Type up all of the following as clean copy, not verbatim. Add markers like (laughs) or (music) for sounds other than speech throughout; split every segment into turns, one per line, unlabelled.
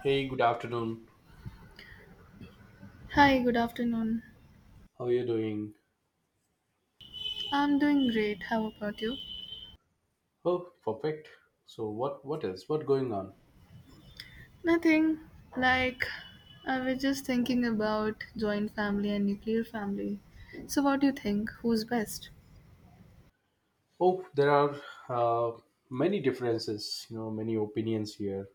Hey, good afternoon.
Hi, good afternoon.
How are you doing?
I'm doing great. How about you?
Oh, perfect. So what is what going on?
Nothing. Like, I was just thinking about joint family and nuclear family. So, what do you think? Who's best?
Oh, there are uh, many differences, many opinions here.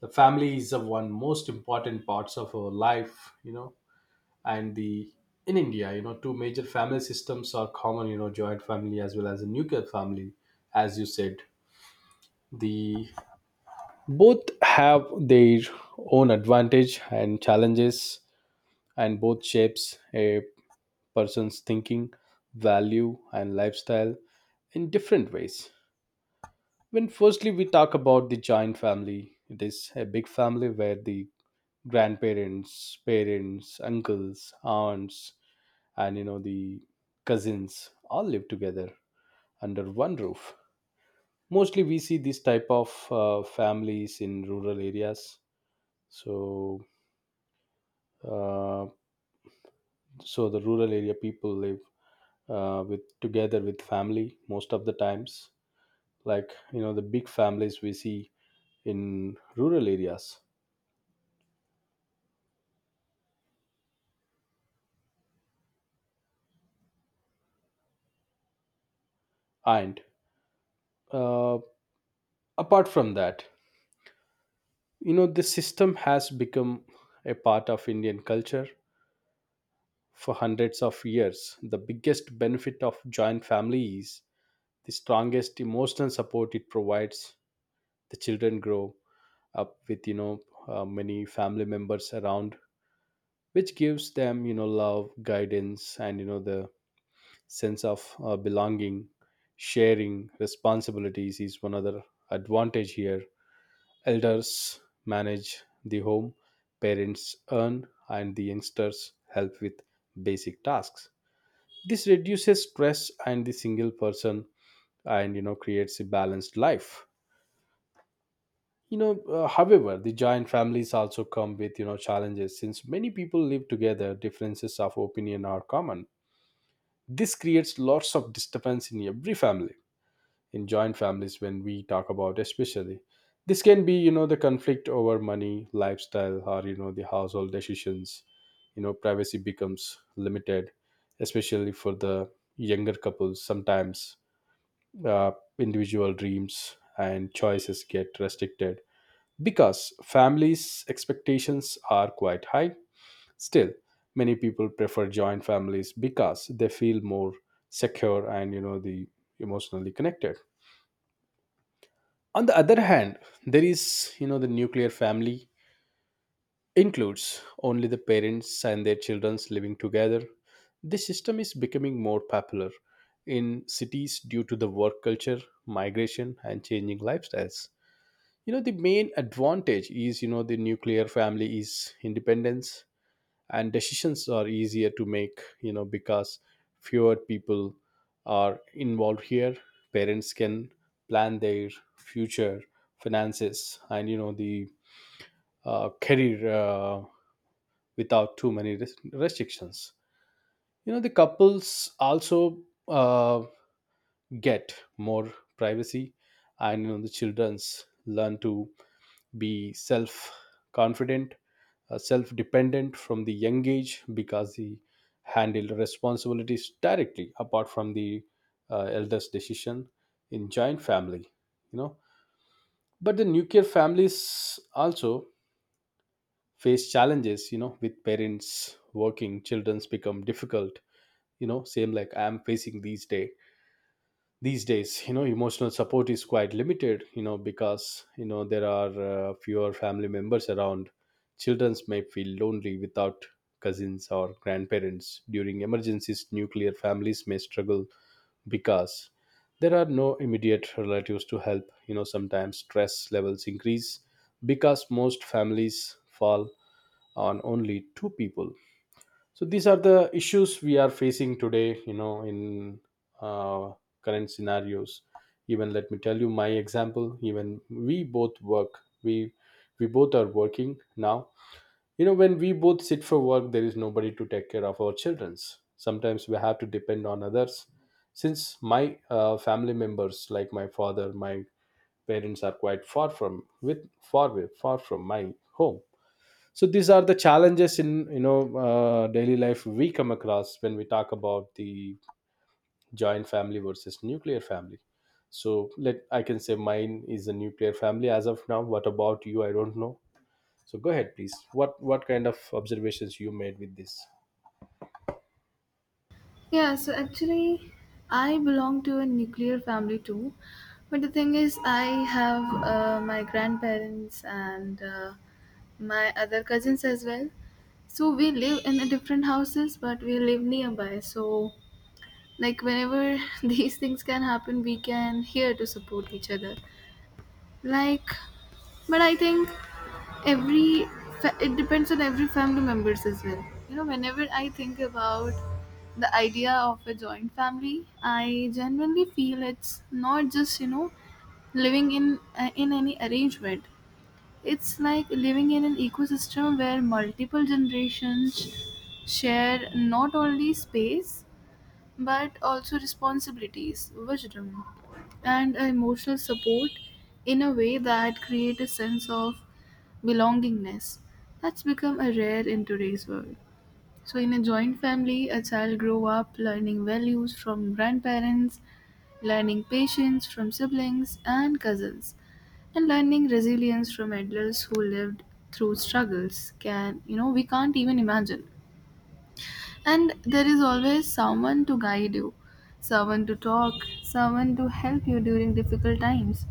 The family is the one most important parts of our life, and the in India, two major family systems are common, joint family as well as a nuclear family, as you said. The both have their own advantage and challenges, and both shapes a person's thinking, value, and lifestyle in different ways. When firstly we talk about the joint family, it is a big family where the grandparents, parents, uncles, aunts, and the cousins all live together under one roof. Mostly we see this type of families in rural areas. So uh, so the rural area people live with together with family most of the times, like the big families we see in rural areas. And uh, apart from that, this system has become a part of Indian culture for hundreds of years. The biggest benefit of joint family is the strongest emotional support it provides. The children grow up with, many family members around, which gives them, love, guidance, and the sense of belonging. Sharing responsibilities is one other advantage here. Elders manage the home, parents earn, and the youngsters help with basic tasks. This reduces stress and the single person, and creates a balanced life. However, the joint families also come with, challenges. Since many people live together, differences of opinion are common. This creates lots of disturbance in every family, in joint families when we talk about especially. This can be, the conflict over money, lifestyle, or the household decisions. Privacy becomes limited, especially for the younger couples. Sometimes uh, individual dreams and choices get restricted because families expectations are quite high. Still, many people prefer joint families because they feel more secure and, you know the emotionally connected. On the other hand, there is, the nuclear family includes only the parents and their children living together. This system is becoming more popular in cities due to the work culture, migration, and changing lifestyles. The main advantage is, the nuclear family is independence, and decisions are easier to make, because fewer people are involved here. Parents can plan their future, finances, and, you know the career, without too many restrictions. The couples also uh, get more privacy, and the children's learn to be self confident, self dependent from the young age, because he handled responsibilities directly, apart from the elder's decision in joint family. you know but the nuclear families also face challenges, with parents working, children's become difficult, same like I am facing these days. Emotional support is quite limited, because there are fewer family members around. Children may feel lonely without cousins or grandparents. During emergencies, nuclear families may struggle because there are no immediate relatives to help. Sometimes stress levels increase because most families fall on only two people. So these are the issues we are facing today, in uh, current scenarios. Even let me tell you my example, even we both work. We both are working now. When we both sit for work, there is nobody to take care of our childrens, sometimes we have to depend on others, since my family members, like my father, my parents, are quite far from with far away far from my home. So these are the challenges in, daily life we come across when we talk about the joint family versus nuclear family. So let I can say mine is a nuclear family as of now. What about you? I don't know. So go ahead, please. What kind of observations you made with this?
Yeah, actually, I belong to a nuclear family too. But the thing is, I have my grandparents and my other cousins as well. So, we live in a different houses, but we live nearby. Like whenever (laughs) these things can happen, we can here to support each other. Like, but I think every it depends on every family members as well. Whenever I think about the idea of a joint family, I genuinely feel it's not just living in in any arrangement. It's like living in an ecosystem where multiple generations share not only space but also responsibilities, wisdom, and emotional support in a way that create a sense of belongingness that's become a rare in today's world. So in a joint family, a child grow up learning values from grandparents, learning patience from siblings and cousins, and learning resilience from adults who lived through struggles can we can't even imagine. And there is always someone to guide you, someone to talk, someone to help you during difficult times.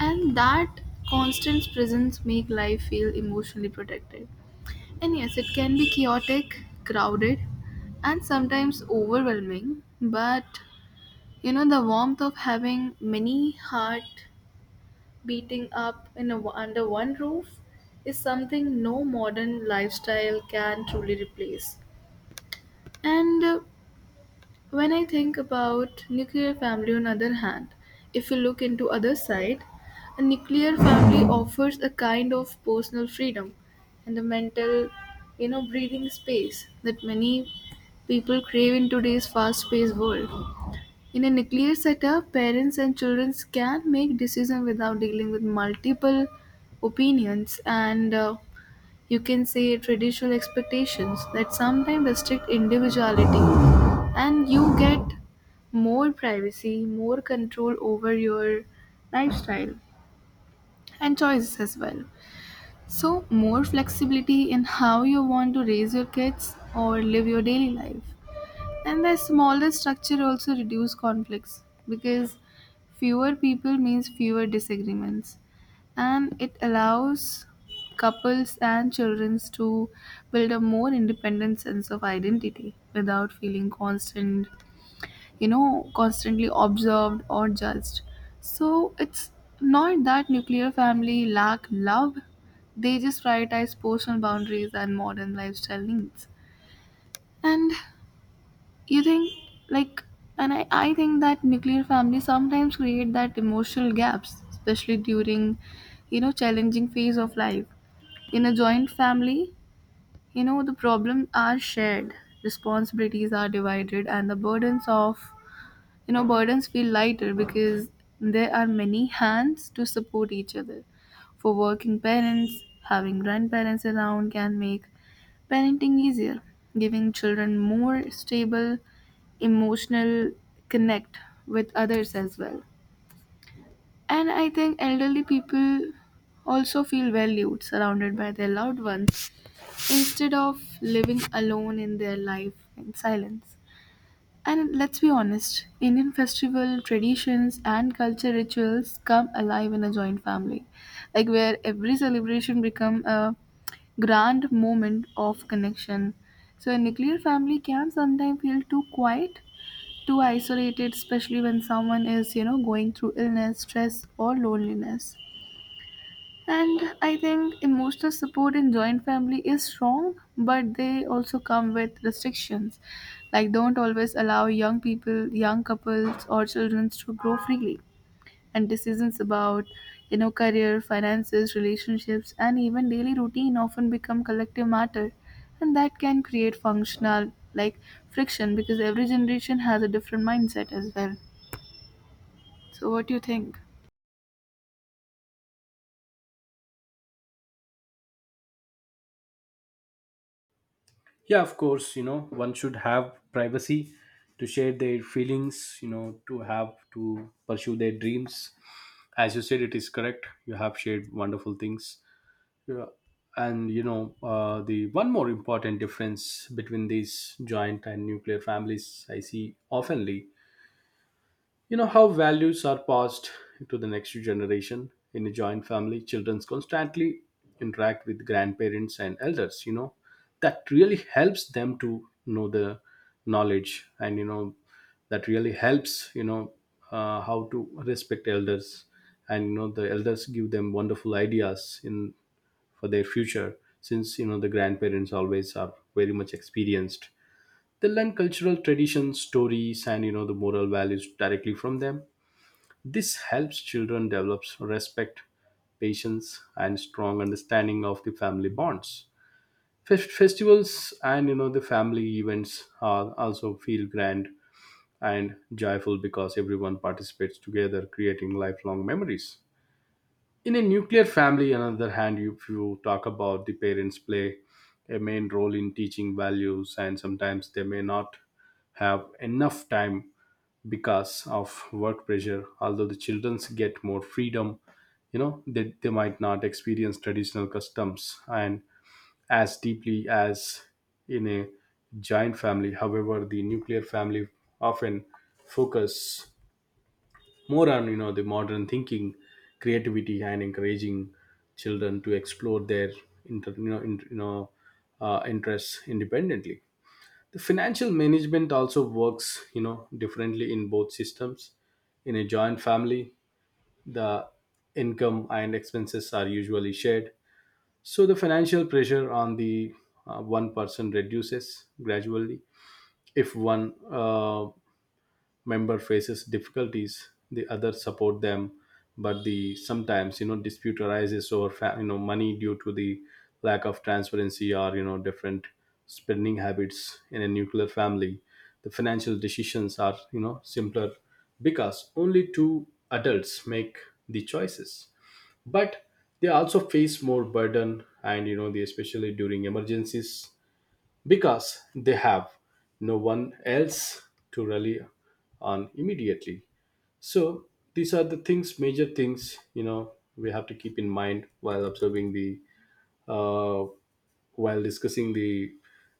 And that constant presence make life feel emotionally protected. And yes, it can be chaotic, crowded, and sometimes overwhelming, but the warmth of having many heart beating up in under one roof is something no modern lifestyle can truly replace. And When I think about nuclear family on other hand, if you look into other side, a nuclear family offers a kind of personal freedom and the mental, breathing space that many people crave in today's fast-paced world. In a nuclear setup, parents and children can make decisions without dealing with multiple opinions and you can say traditional expectations that sometimes restrict individuality, and you get more privacy, more control over your lifestyle and choices as well, so more flexibility in how you want to raise your kids or live your daily life. And the smaller structure also reduce conflicts because fewer people means fewer disagreements, and it allows couples and children to build a more independent sense of identity without feeling constantly observed or judged. So it's not that nuclear family lack love, they just prioritize personal boundaries and modern lifestyle needs. And you think like and i, I think that nuclear families sometimes create that emotional gaps, especially during challenging phase of life. In a joint family, the problems are shared, responsibilities are divided, and the burdens of, you know, burdens feel lighter because there are many hands to support each other. For working parents, having grandparents around can make parenting easier, giving children more stable emotional connect with others as well. And I think elderly people also feel valued, surrounded by their loved ones instead of living alone in their life in silence. And let's be honest, Indian festival traditions and culture rituals come alive in a joint family, like where every celebration become a grand moment of connection. So a nuclear family can sometimes feel too quiet, too isolated, especially when someone is, going through illness, stress, or loneliness. And I think emotional support in joint family is strong, but they also come with restrictions. Like, don't always allow young people, young couples, or children to grow freely. And decisions about, career, finances, relationships, and even daily routine often become collective matter. And that can create functional, like, friction because every generation has a different mindset as well. So, what do you think?
Yeah, of course, one should have privacy to share their feelings, to have to pursue their dreams. As you said, it is correct. You have shared wonderful things. Yeah. And, the one more important difference between these joint and nuclear families I see oftenly, how values are passed to the next generation. In a joint family, children constantly interact with grandparents and elders, that really helps them to know the knowledge. And, that really helps, how to respect elders, and the elders give them wonderful ideas in for their future, since the grandparents always are very much experienced. They learn cultural traditions, stories, and, the moral values directly from them. This helps children develop respect, patience, and strong understanding of the family bonds. Festivals and, the family events are also feel grand and joyful, because everyone participates together, creating lifelong memories. In a nuclear family, on the other hand, if you talk about, the parents play a main role in teaching values, and sometimes they may not have enough time because of work pressure. Although the children get more freedom, they might not experience traditional customs and as deeply as in a giant family. However, the nuclear family often focus more on, the modern thinking, creativity, and encouraging children to explore their inter, you know, in, you know interests independently. The financial management also works, differently in both systems. In a joint family, the income and expenses are usually shared, so the financial pressure on the one person reduces gradually. If one member faces difficulties, the other support them. But the sometimes, dispute arises over money, due to the lack of transparency, or different spending habits. In a nuclear family, the financial decisions are, simpler, because only two adults make the choices. But they also face more burden, and, they especially during emergencies, because they have no one else to rely on immediately. So these are the things major things, we have to keep in mind while observing the uh, while discussing the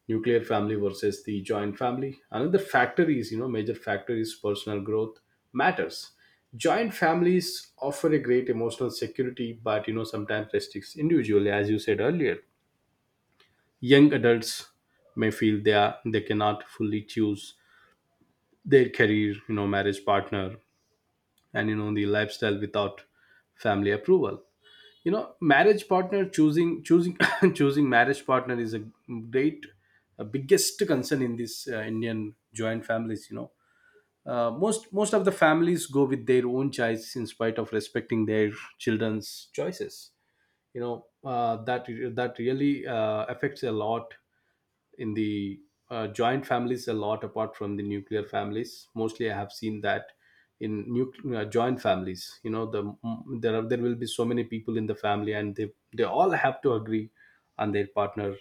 nuclear family versus the joint family. Another factor is you know major factor is personal growth matters. Joint families offer a great emotional security, but, sometimes restricts individually, as you said earlier. Young adults may feel they cannot fully choose their career, marriage partner, and, the lifestyle without family approval. Marriage partner choosing choosing (coughs) choosing marriage partner is a great a biggest concern in this Indian joint families. Most of the families go with their own choice in spite of respecting their children's choices. you know uh, that that really affects a lot in the joint families a lot, apart from the nuclear families. Mostly I have seen that in nuclear joint families, there will be so many people in the family, and they all have to agree on their partner,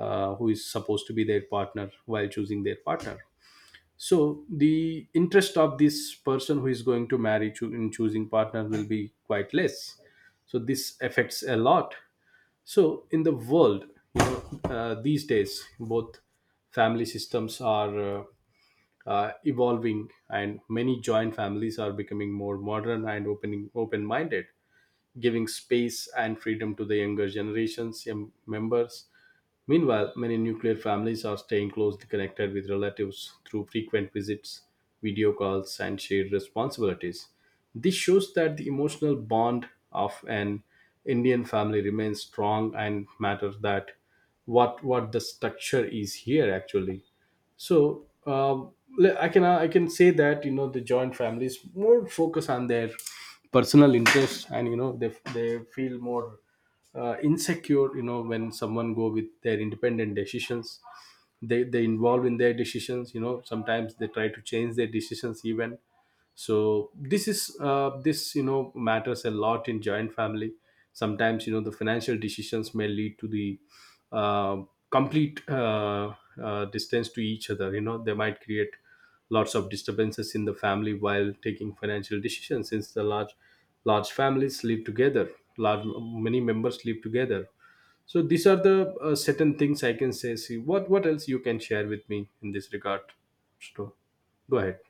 who is supposed to be their partner while choosing their partner. So the interest of this person who is going to marry, in choosing partner will be quite less. So this affects a lot. So, in the world, these days, both family systems are evolving, and many joint families are becoming more modern and opening open-minded, giving space and freedom to the younger generations, young members. Meanwhile, many nuclear families are staying closely connected with relatives through frequent visits, video calls, and shared responsibilities. This shows that the emotional bond of an Indian family remains strong and matters that what the structure is here actually. So I can say that, the joint families more focus on their personal interests, and, they feel more insecure, when someone go with their independent decisions. They involved in their decisions. Sometimes they try to change their decisions even. So this matters a lot in joint family. Sometimes, the financial decisions may lead to the uh, complete distance to each other. They might create lots of disturbances in the family while taking financial decisions, since the large families live together, large many members live together. So these are the certain things I can say. See what else you can share with me in this regard. So go ahead.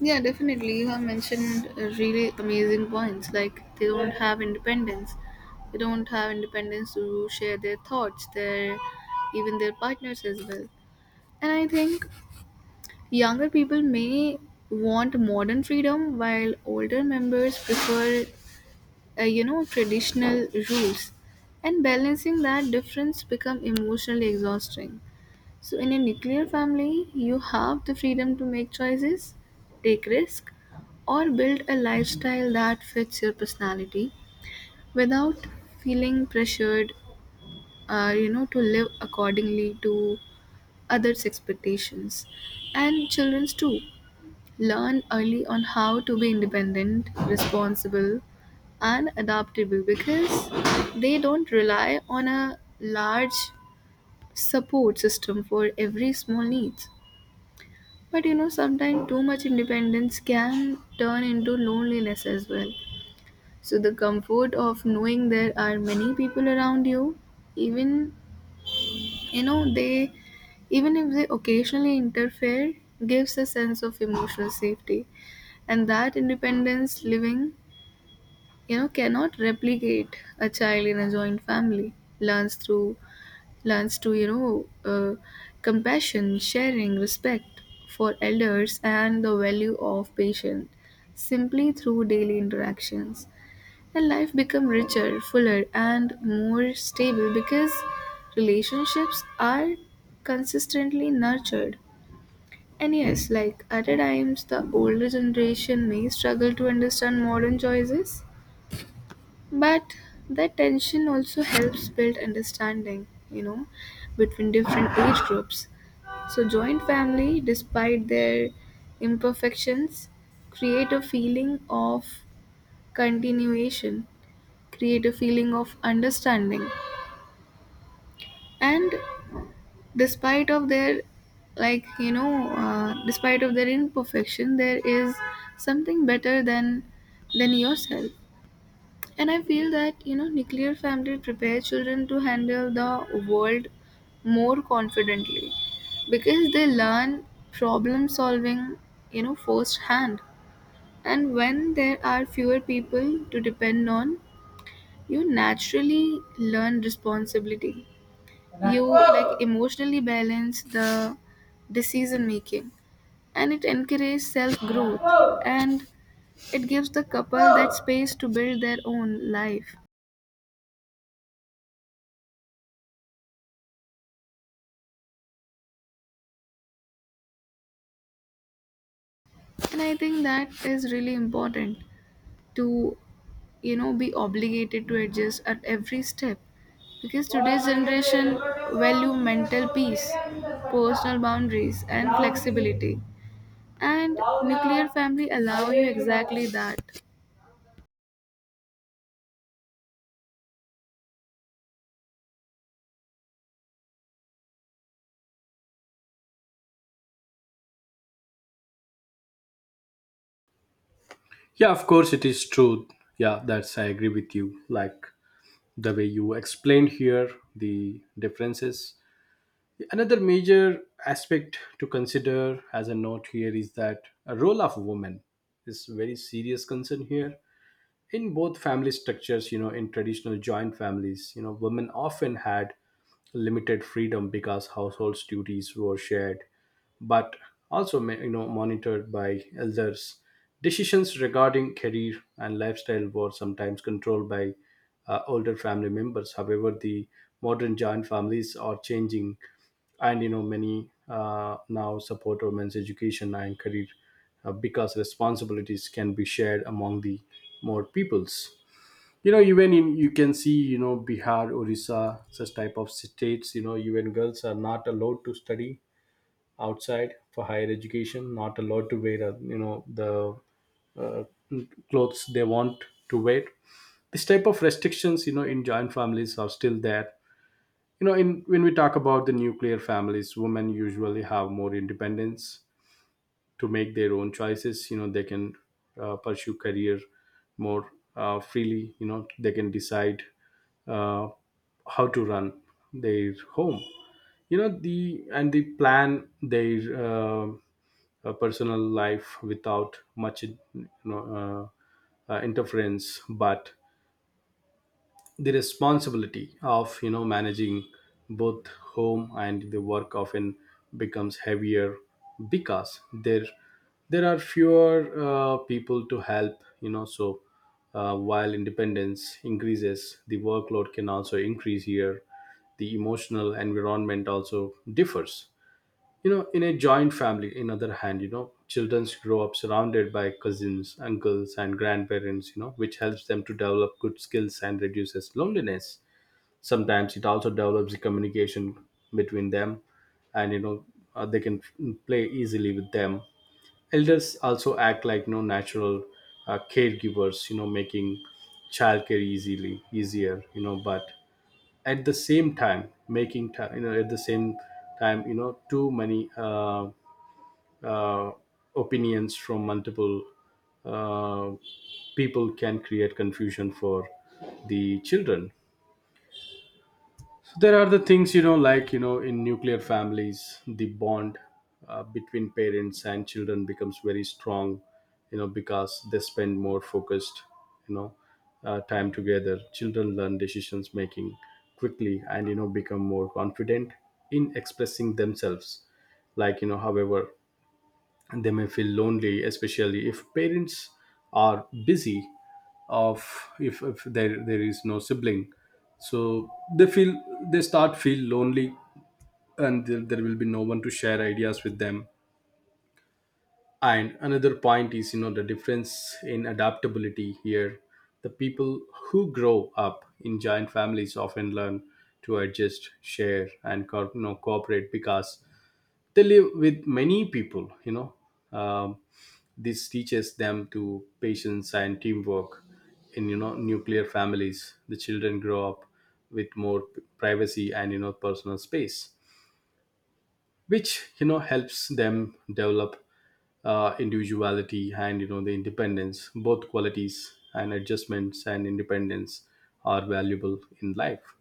Yeah, definitely. You have mentioned really amazing points. Like they don't have independence. They don't have independence to share their thoughts, their even their partners as well. And I think younger people may want modern freedom, while older members prefer, traditional rules. And balancing that difference become emotionally exhausting. So in a nuclear family, you have the freedom to make choices, take risk, or build a lifestyle that fits your personality without feeling pressured, to live accordingly to others' expectations. And childrens too learn early on how to be independent, responsible, and adaptable because they don't rely on a large support system for every small needs. But sometimes too much independence can turn into loneliness as well. So, the comfort of knowing there are many people around you, even you know, they even if they occasionally interfere, gives a sense of emotional safety. And that independence living, cannot replicate. A child in a joint family learns through learns to uh, compassion, sharing, respect for elders and the value of patience simply through daily interactions, and life become richer, fuller, and more stable because relationships are consistently nurtured. And yes, like at times the older generation may struggle to understand modern choices, but that tension also helps build understanding, between different age groups. So, joint family, despite their imperfections, create a feeling of continuation, create a feeling of understanding, and despite of their despite of their imperfection there is something better than yourself. And I feel that, nuclear family prepare children to handle the world more confidently because they learn problem solving, firsthand. And when there are fewer people to depend on, you naturally learn responsibility. You like emotionally balance the decision making, and it encourages self growth, and it gives the couple that space to build their own life. And I think that is really important to be obligated to adjust at every step because today's generation value mental peace, personal boundaries and flexibility, and nuclear family allow you exactly that.
Yeah, of course it is true. Yeah, that's I agree with you. Like the way you explained here the differences. Another major aspect to consider as a note here is that a role of women is very serious concern here in both family structures. You know, in traditional joint families, you know, women often had limited freedom because household duties were shared, but also you know, monitored by elders. Decisions regarding career and lifestyle were sometimes controlled by older family members. However, the modern joint families are changing, and you know, many now support women's education and career, because responsibilities can be shared among the more peoples. You know, even in, you can see, you know, Bihar, Orissa, such type of states, you know, even girls are not allowed to study outside for higher education, not allowed to wear, you know, the uh, clothes they want to wear. This type of restrictions, you know, in joint families are still there. You know, in, when we talk about the nuclear families, women usually have more independence to make their own choices. You know, they can pursue career more freely. You know, they can decide uh, how to run their home. You know, the, and they plan their uh, personal life without much, you know, interference. But the responsibility of, you know, managing both home and the work often becomes heavier, because there are fewer people to help. You know, so while independence increases, the workload can also increase here. The emotional environment also differs. You know, in a joint family, in other hand, you know, children grow up surrounded by cousins, uncles and grandparents, you know, which helps them to develop good skills and reduces loneliness. Sometimes it also develops the communication between them. And you know, they can play easily with them. Elders also act like, you know, natural caregivers, you know, making childcare easily easier You know, but at the same time, making time, you know, at the same time, you know, too many uh, opinions from multiple uh, people can create confusion for the children. So there are the things, you know, like, you know, in nuclear families, the bond between parents and children becomes very strong. You know, because they spend more focused, you know, time together. Children learn decisions making quickly, and you know, become more confident in expressing themselves. Like, you know, however, and they may feel lonely, especially if parents are busy, of, if there is no sibling. So they feel, they start feel lonely, and there will be no one to share ideas with them. And another point is, you know, the difference in adaptability here. The people who grow up in giant families often learn to adjust, share and you know, cooperate, because they live with many people. You know, um, this teaches them to patience and teamwork. In, you know, nuclear families, the children grow up with more privacy and you know, personal space, which you know, helps them develop individuality and you know, the independence. Both qualities, and adjustments and independence, are valuable in life.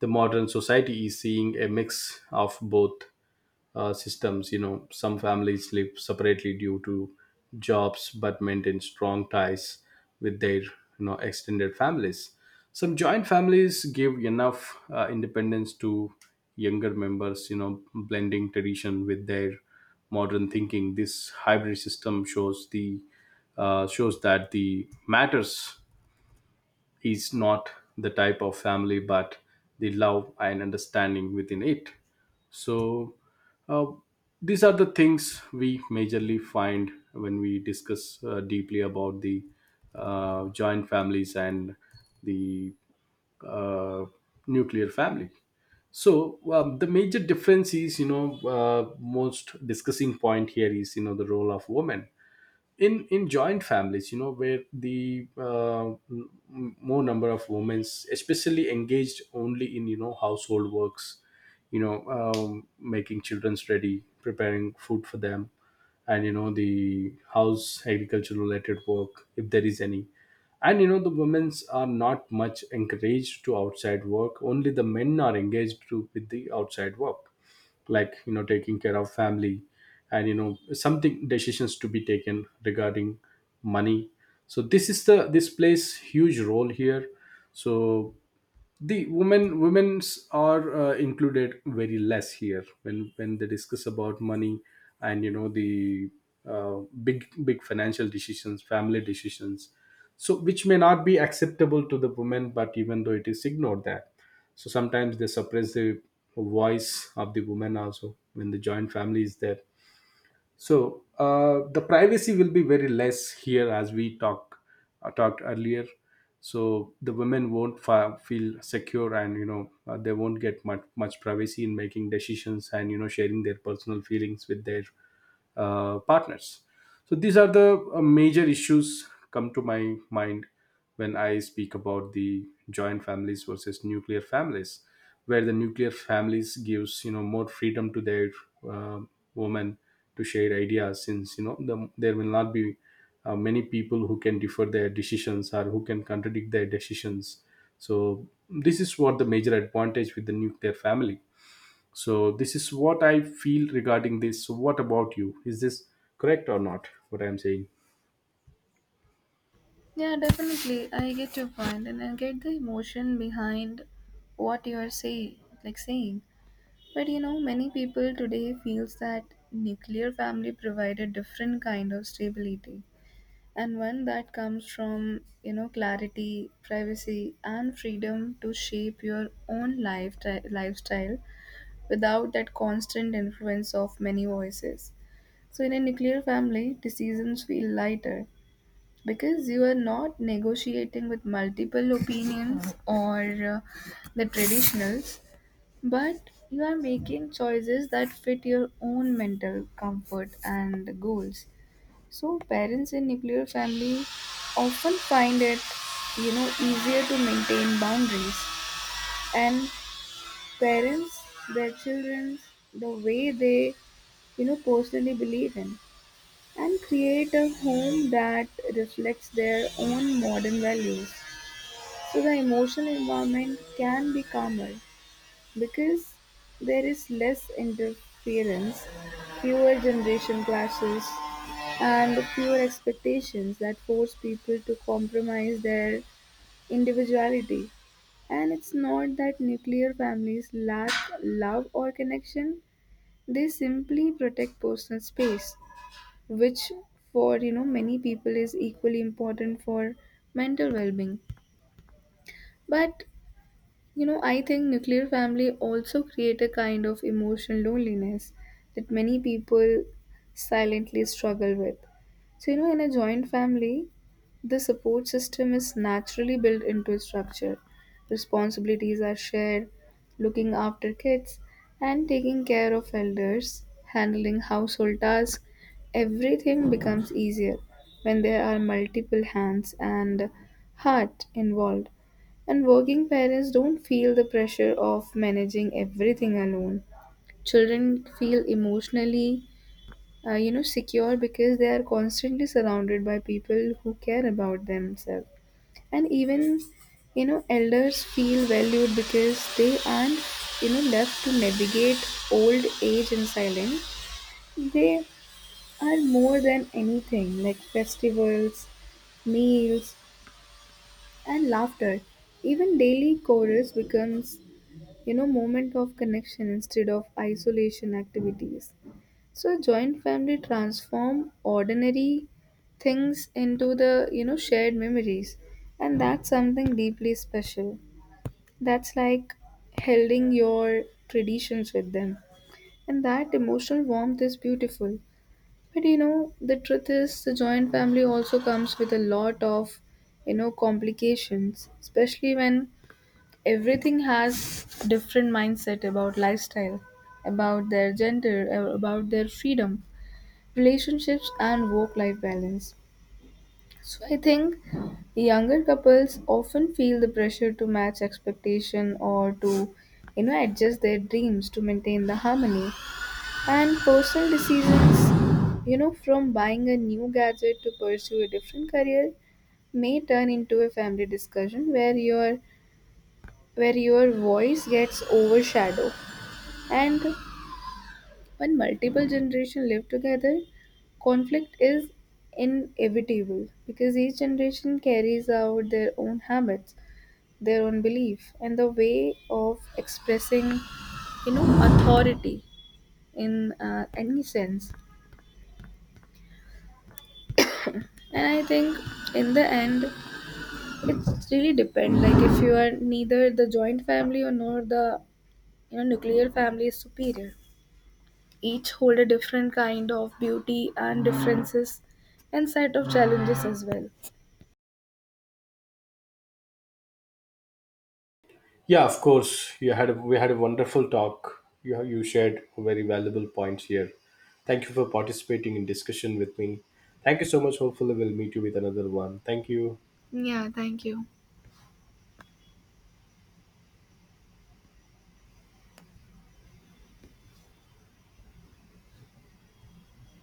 The modern society is seeing a mix of both systems. You know, some families live separately due to jobs, but maintain strong ties with their, you know, extended families. Some joint families give enough independence to younger members, you know, blending tradition with their modern thinking. This hybrid system shows the shows that the matters is not the type of family, but the love and understanding within it. So uh, these are the things we majorly find when we discuss deeply about the joint families and the uh, nuclear family. So the major difference is, you know, most discussing point here is, you know, the role of women in joint families, you know, where the more number of women especially engaged only in, you know, household works. You know, making children's ready, preparing food for them, and you know, the house agriculture related work if there is any. And you know, the women's are not much encouraged to outside work. Only the men are engaged to, with the outside work, like, you know, taking care of family, and you know, something decisions to be taken regarding money. So this is the, this plays huge role here. So the women's are included very less here, when they discuss about money and you know, the big big financial decisions, family decisions. So which may not be acceptable to the women, but even though it is ignored. That so, sometimes they suppress the voice of the woman also when the joint family is there. So the privacy will be very less here, as we talked earlier. So the women won't feel secure, and you know, they won't get much, much privacy in making decisions and you know, sharing their personal feelings with their partners. So these are the major issues come to my mind when I speak about the joint families versus nuclear families, where the nuclear families gives, you know, more freedom to their uh, women to share ideas, since you know, the, there will not be many people who can differ their decisions or who can contradict their decisions. So this is what the major advantage with the nuclear family. So this is what I feel regarding this. So what about you? Is this correct or not, what I am saying?
Yeah, definitely, I get your point and I get the emotion behind what you are saying, like saying but many people today feels that nuclear family provide a different kind of stability, and one that comes from clarity, privacy and freedom to shape your own lifestyle without that constant influence of many voices. So in a nuclear family decisions feel lighter because you are not negotiating with multiple opinions (laughs) or uh, the traditionals, but you are making choices that fit your own mental comfort and goals. So parents in nuclear family often find it, easier to maintain boundaries, and parents their children the way they, personally believe in, and create a home that reflects their own modern values. So the emotional environment can be calmer because there is less interference, fewer generation clashes, and fewer expectations that force people to compromise their individuality. And it's not that nuclear families lack love or connection, they simply protect personal space, which for many people is equally important for mental well-being. But I think nuclear family also create a kind of emotional loneliness that many people silently struggle with. So, in a joint family, the support system is naturally built into a structure. Responsibilities are shared, looking after kids and taking care of elders, handling household tasks, everything becomes easier when there are multiple hands and heart involved. And working parents don't feel the pressure of managing everything alone. Children feel emotionally, secure because they are constantly surrounded by people who care about themselves. And even, elders feel valued because they aren't, left to navigate old age in silence. They are more than anything like festivals, meals, and laughter. Even daily chorus becomes moment of connection instead of isolation activities. So joint family transform ordinary things into the shared memories, and that's something deeply special, that's like holding your traditions with them, and that emotional warmth is beautiful. But the truth is the joint family also comes with a lot of complications, especially when everything has different mindset about lifestyle, about their about their freedom, relationships and work life balance. So I think younger couples often feel the pressure to match expectation or to adjust their dreams to maintain the harmony, and personal decisions from buying a new gadget to pursue a different career may turn into a family discussion where your voice gets overshadowed. And when multiple generations live together, conflict is inevitable because each generation carries out their own habits, their own belief, and the way of expressing, authority in any sense. And I think in the end, it's really depend. Like if you are neither the joint family or nor the nuclear family is superior. Each hold a different kind of beauty and differences and set of challenges as well.
Yeah, of course. You had a, we had a wonderful talk. You shared very valuable points here. Thank you for participating in discussion with me. Thank you so much. Hopefully, we'll meet you with another one. Thank you.
Yeah, thank you.